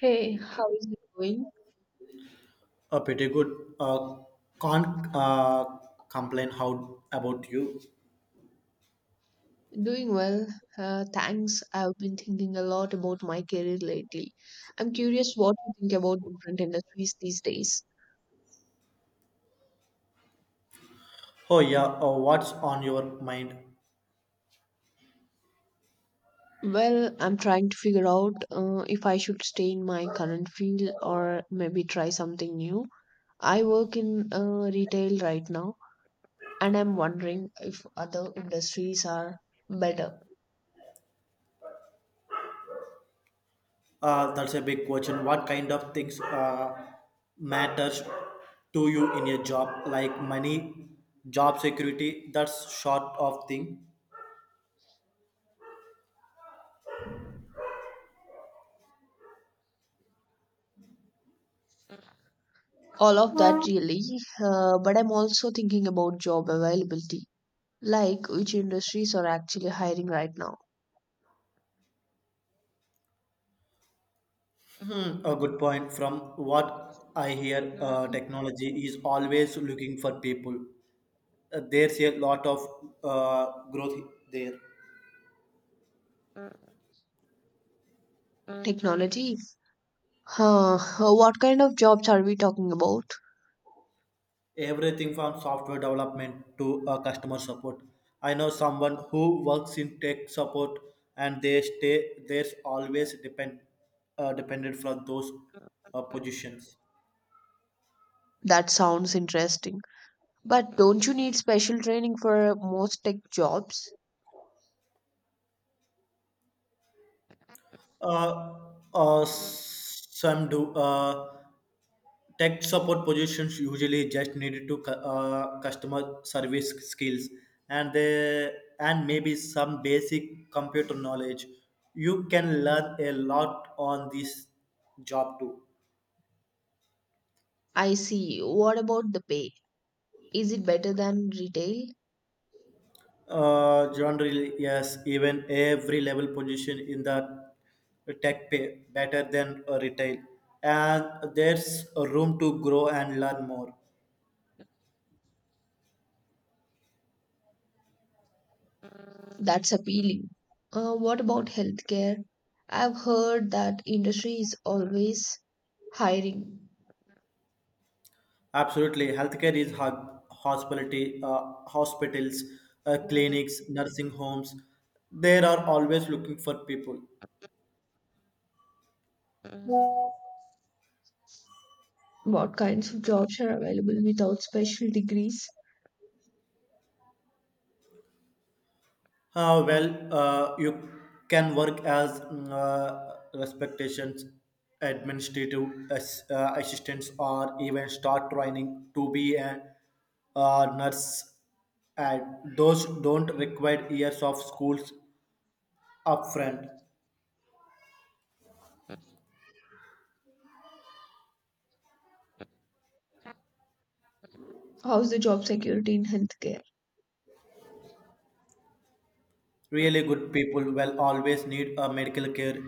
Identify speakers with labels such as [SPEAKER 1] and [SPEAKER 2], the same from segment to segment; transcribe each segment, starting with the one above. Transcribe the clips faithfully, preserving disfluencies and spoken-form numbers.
[SPEAKER 1] Hey, how is it going?
[SPEAKER 2] Uh, pretty good. Uh, can't uh, complain. How about you?
[SPEAKER 1] Doing well, uh, thanks. I've been thinking a lot about my career lately. I'm curious what you think about different industries these days.
[SPEAKER 2] Oh yeah. Uh, what's on your mind?
[SPEAKER 1] Well, I'm trying to figure out uh, if I should stay in my current field or maybe try something new. I work in uh, retail right now, and I'm wondering if other industries are better.
[SPEAKER 2] Uh, that's a big question. What kind of things uh, matters to you in your job? Like money, job security. That's sort of thing.
[SPEAKER 1] All of that really, uh, but I'm also thinking about job availability. Like which industries are actually hiring right now?
[SPEAKER 2] Hmm, a good point. From what I hear, uh, technology is always looking for people. Uh, there's a lot of uh, growth there.
[SPEAKER 1] Technology? Huh, huh, what kind of jobs are we talking about?
[SPEAKER 2] Everything from software development to uh, customer support. I know someone who works in tech support and they stay there's always depend uh, dependent from those uh, positions.
[SPEAKER 1] That sounds interesting. But don't you need special training for most tech jobs?
[SPEAKER 2] Uh, uh, some do, uh, tech support positions usually just needed to cu- uh, customer service skills and they and maybe some basic computer knowledge. You can learn a lot on this job too.
[SPEAKER 1] I see. What about the pay? Is it better than retail?
[SPEAKER 2] Uh, John really, yes, even every level position in the tech pay better than uh, retail. And there's a room to grow and learn more.
[SPEAKER 1] That's appealing. Uh, what about healthcare? I've heard that industry is always hiring.
[SPEAKER 2] Absolutely. Healthcare is ho- hospitality, uh, hospitals, uh, clinics, nursing homes. They are always looking for people.
[SPEAKER 1] What kinds of jobs are available without special degrees?
[SPEAKER 2] Uh, well, uh, you can work as mm, uh, respectations, administrative as, uh, assistants, or even start training to be a uh, nurse. And those don't require years of schools upfront.
[SPEAKER 1] How's the job security in healthcare?
[SPEAKER 2] Really good people will always need a medical care.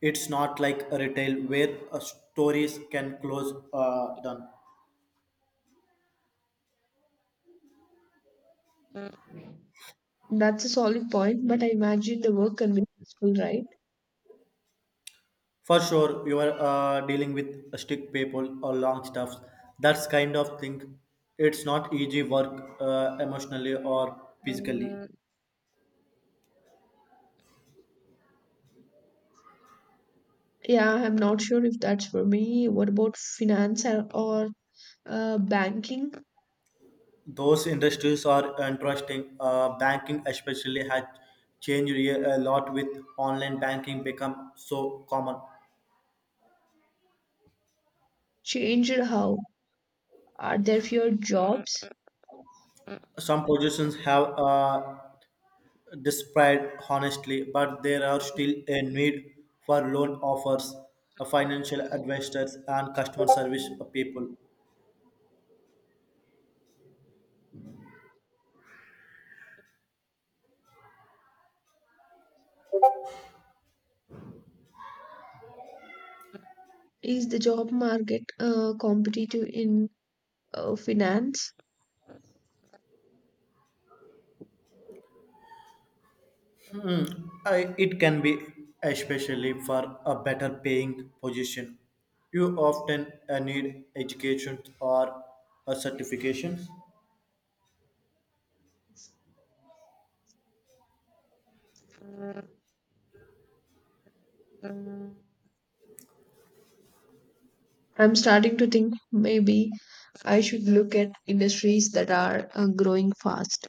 [SPEAKER 2] It's not like a retail where uh, stories can close uh, done.
[SPEAKER 1] That's a solid point, but I imagine the work can be stressful, right?
[SPEAKER 2] For sure, you are uh, dealing with stick people or long stuffs. That's kind of thing. It's not easy work uh, emotionally or physically.
[SPEAKER 1] Yeah, I'm not sure if that's for me. What about finance or or, uh, banking?
[SPEAKER 2] Those industries are interesting. Uh, banking especially has changed a a lot with online banking become so common.
[SPEAKER 1] Changed how? Are there fewer jobs?
[SPEAKER 2] Some positions have uh, described honestly, but there are still a need for loan offers, uh, financial advisors, and customer service people.
[SPEAKER 1] Is the job market uh, competitive in uh, finance?
[SPEAKER 2] I, it can be especially for a better paying position. You often uh, need education or a certification.
[SPEAKER 1] I'm starting to think maybe I should look at industries that are uh, growing fast.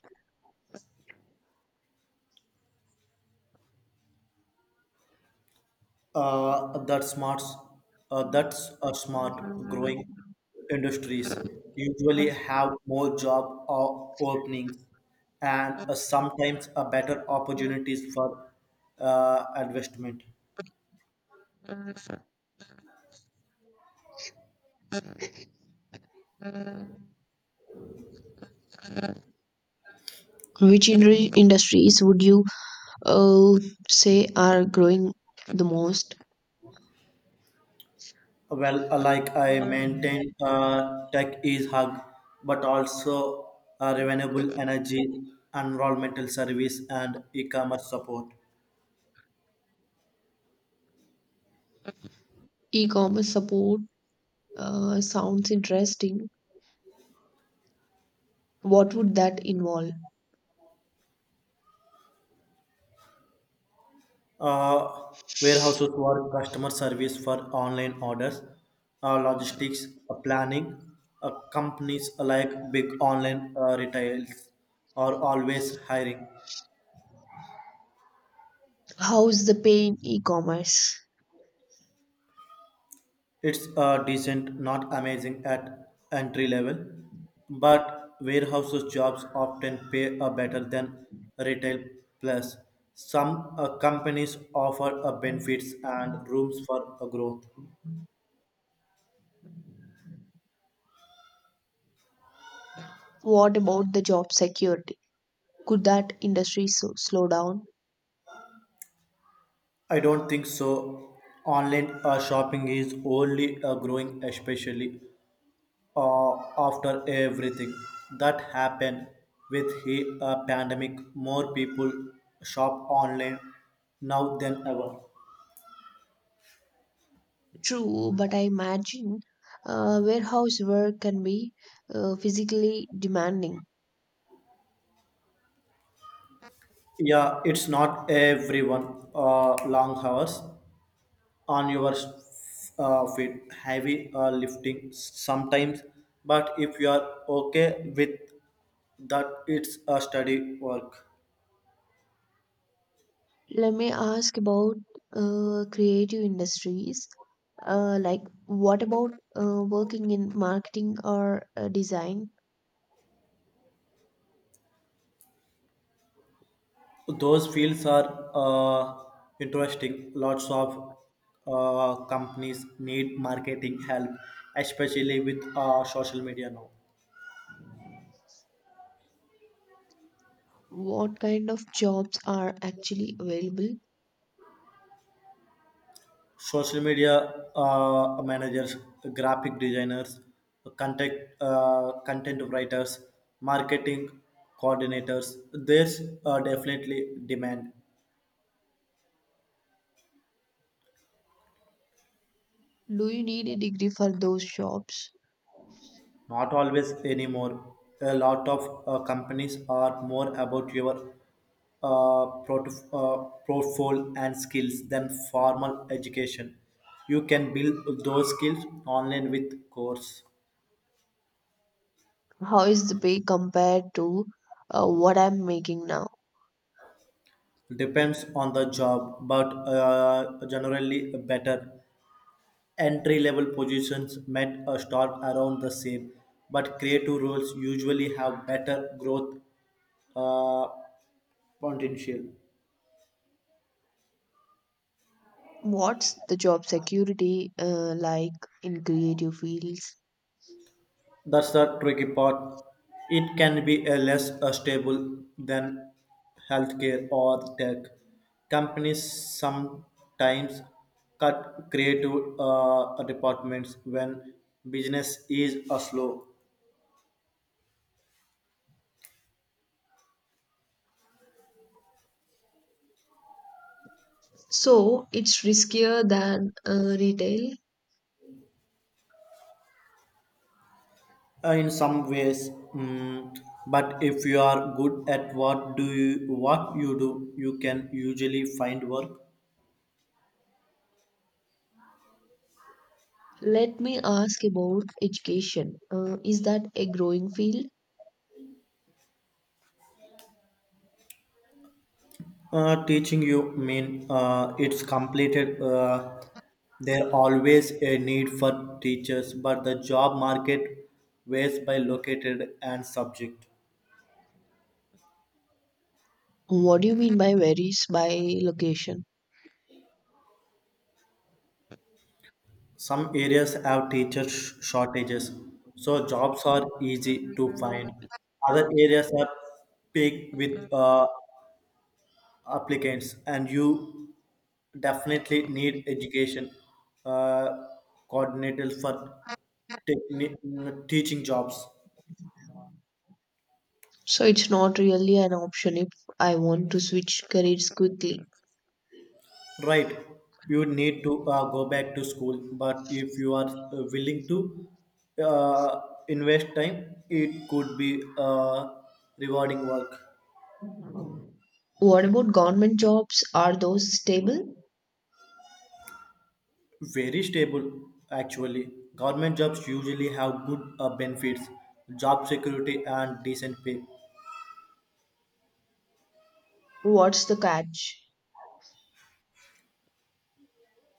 [SPEAKER 2] Uh, that smarts, uh, that's a smart growing industries usually have more job o- openings and uh, sometimes a better opportunities for uh, investment.
[SPEAKER 1] Which in- industries would you uh, say are growing the most?
[SPEAKER 2] Well, uh, like I maintain, uh, tech is hug, but also uh, renewable energy, environmental service, and e-commerce support.
[SPEAKER 1] E-commerce support uh, sounds interesting. What would that involve?
[SPEAKER 2] Uh, Warehouses for customer service for online orders, uh, logistics, uh, planning. Uh, companies like big online uh, retails are always hiring.
[SPEAKER 1] How is the pay in e-commerce?
[SPEAKER 2] It's uh, decent, not amazing at entry level, but warehouses jobs often pay a better than retail. Plus, some uh, companies offer uh, benefits and rooms for uh, growth.
[SPEAKER 1] What about the job security? Could that industry so- slow down?
[SPEAKER 2] I don't think so. Online uh, shopping is only uh, growing, especially uh, after everything that happened with the uh, pandemic. More people shop online now than ever.
[SPEAKER 1] True, but I imagine uh, warehouse work can be uh, physically demanding.
[SPEAKER 2] Yeah, it's not everyone. Uh, long hours on your uh, feet, heavy uh, lifting sometimes. But if you are okay with that, it's a study work.
[SPEAKER 1] Let me ask about uh, creative industries. Uh, like, what about uh, working in marketing or uh, design?
[SPEAKER 2] Those fields are uh, interesting. Lots of uh, companies need marketing help, especially with uh, social media now.
[SPEAKER 1] What kind of jobs are actually available?
[SPEAKER 2] Social media uh, managers, graphic designers, content uh, content writers, marketing coordinators. There's uh, definitely demand.
[SPEAKER 1] Do you need a degree for those jobs?
[SPEAKER 2] Not always anymore. A lot of uh, companies are more about your uh, prot- uh, portfolio and skills than formal education. You can build those skills online with course.
[SPEAKER 1] How is the pay compared to uh, what I'm making now?
[SPEAKER 2] Depends on the job, but uh, generally better. Entry level positions met a start around the same, but creative roles usually have better growth uh, potential.
[SPEAKER 1] What's the job security uh, like in creative fields?
[SPEAKER 2] That's the tricky part. It can be a less uh, stable than healthcare or tech. Companies sometimes cut creative uh, departments when business is uh, slow.
[SPEAKER 1] So, it's riskier than uh, retail.
[SPEAKER 2] Uh, in some ways, mm, but if you are good at what do you what you do, you can usually find work.
[SPEAKER 1] Let me ask about education. Uh, is that a growing field?
[SPEAKER 2] Uh, teaching you mean uh, it's completed. Uh, there always a need for teachers, but the job market varies by located and subject.
[SPEAKER 1] What do you mean by varies by location?
[SPEAKER 2] Some areas have teacher sh- shortages, so jobs are easy to find. Other areas are big with uh, applicants, and you definitely need education uh, coordinators for techni- mm, teaching jobs.
[SPEAKER 1] So it's not really an option if I want to switch careers quickly.
[SPEAKER 2] Right, you need to uh, go back to school, but if you are uh, willing to uh, invest time, it could be uh, rewarding work.
[SPEAKER 1] What about government jobs? Are those stable?
[SPEAKER 2] Very stable actually. Government jobs usually have good uh, benefits, job security, and decent pay.
[SPEAKER 1] What's the catch?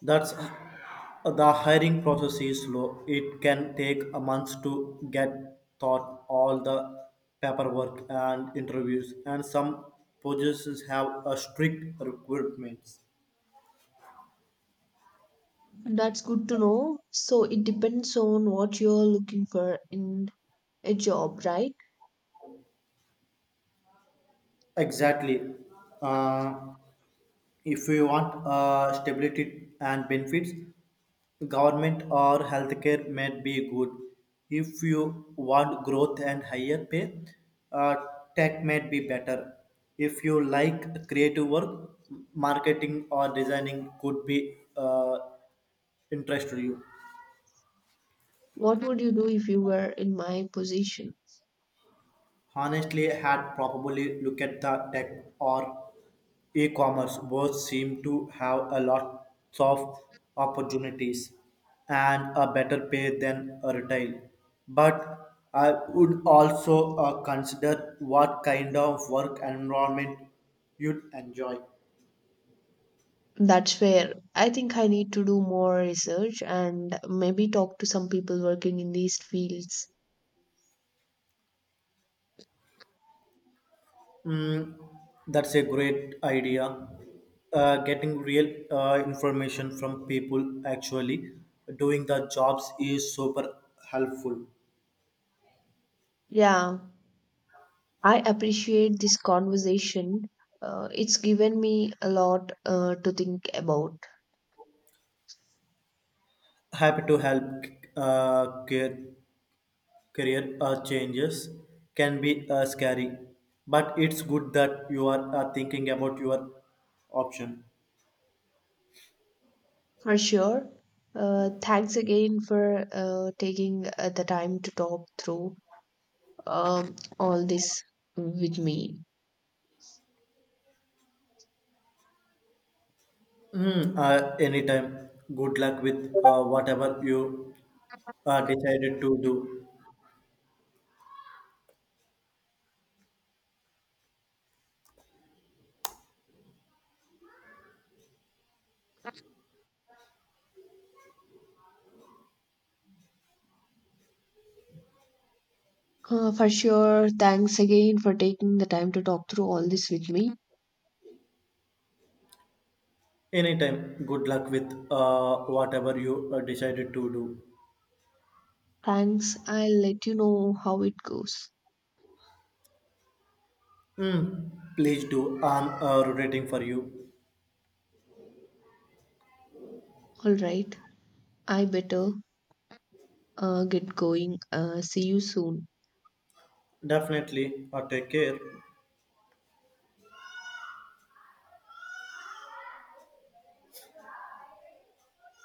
[SPEAKER 2] That's uh, the hiring process is slow. It can take a month to get thought all the paperwork and interviews, and some positions have a strict requirements.
[SPEAKER 1] That's good to know. So it depends on what you're looking for in a job, right?
[SPEAKER 2] Exactly. Uh, If we want uh, stability and benefits, government or healthcare may be good. If you want growth and higher pay, uh, tech may be better. If you like creative work, marketing or designing could be uh, interest to you.
[SPEAKER 1] What would you do if you were in my position?
[SPEAKER 2] Honestly, had probably look at the tech or e-commerce. Both seem to have a lot of opportunities and a better pay than a retail. But I would also uh, consider what kind of work environment you'd enjoy.
[SPEAKER 1] That's where I think I need to do more research and maybe talk to some people working in these fields.
[SPEAKER 2] Mm, that's a great idea. Uh, getting real uh, information from people actually doing the jobs is super helpful.
[SPEAKER 1] Yeah, I appreciate this conversation. Uh, it's given me a lot uh, to think about.
[SPEAKER 2] Happy to help. Uh, care, Career uh, changes can be uh, scary, but it's good that you are uh, thinking about your option.
[SPEAKER 1] For sure. Uh, thanks again for uh, taking uh, the time to talk through um, all this with me.
[SPEAKER 2] Mm, uh, anytime. Good luck with uh, whatever you uh, decided to do.
[SPEAKER 1] Uh, for sure. Thanks again for taking the time to talk through all this with me.
[SPEAKER 2] Anytime. Good luck with uh, whatever you uh, decided to do.
[SPEAKER 1] Thanks. I'll let you know how it goes.
[SPEAKER 2] Mm, Please do. I'm uh, rooting for you.
[SPEAKER 1] All right, I better uh, get going. Uh, see you soon.
[SPEAKER 2] Definitely. Uh, take care.